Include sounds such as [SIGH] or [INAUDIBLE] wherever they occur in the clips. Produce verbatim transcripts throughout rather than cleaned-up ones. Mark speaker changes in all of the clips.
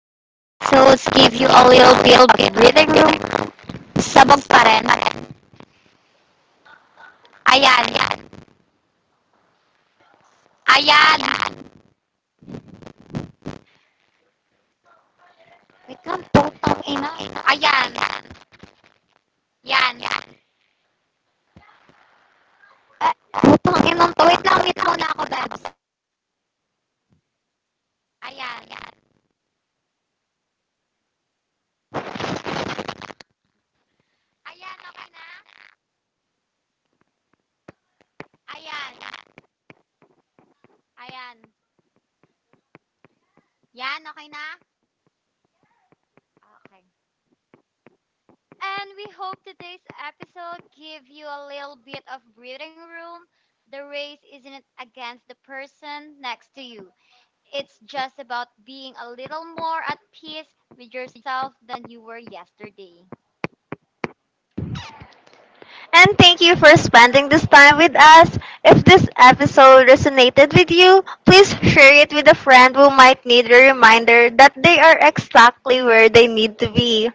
Speaker 1: today's episodes give you a little bit of breathing room. Sabog pa rin. Ayan. Ayan. Wait lang, putang ina. Ayan. Yan. Eh, putang ina. Wait lang, meet muna ako, Bebs. Ayan. Ayan, okay na? Ayan. Ayan. Yan, okay na? Okay. And we hope today's episode give you a little bit of breathing room. The race isn't against the person next to you. It's just about being a little more at peace with yourself than you were yesterday.
Speaker 2: And thank you for spending this time with us. If this episode resonated with you, please share it with a friend who might need a reminder that they are exactly where they need to be.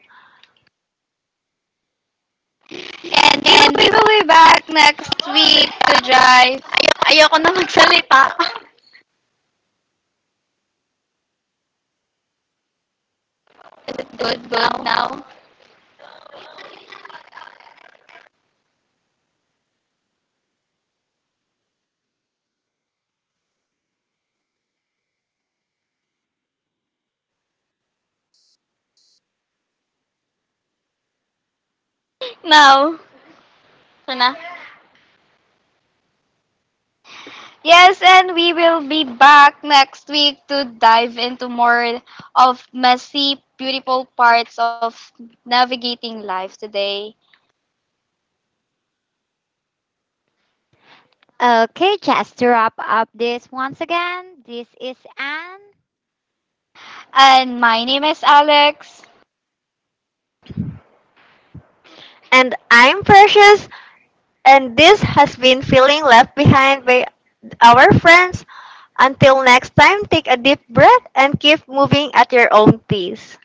Speaker 3: And we'll be, we'll be back next week to drive. Ay- ayoko na magsalita. [LAUGHS] Is it good, good now? Now. So na. Yes, and we will be back next week to dive into more of messy, beautiful parts of navigating life today.
Speaker 1: Okay, just to wrap up this once again, this is Anne.
Speaker 3: And my name is Alex.
Speaker 2: And I'm Precious, and this has been Feeling Left Behind by Our Friends. Until next time, take a deep breath and keep moving at your own pace.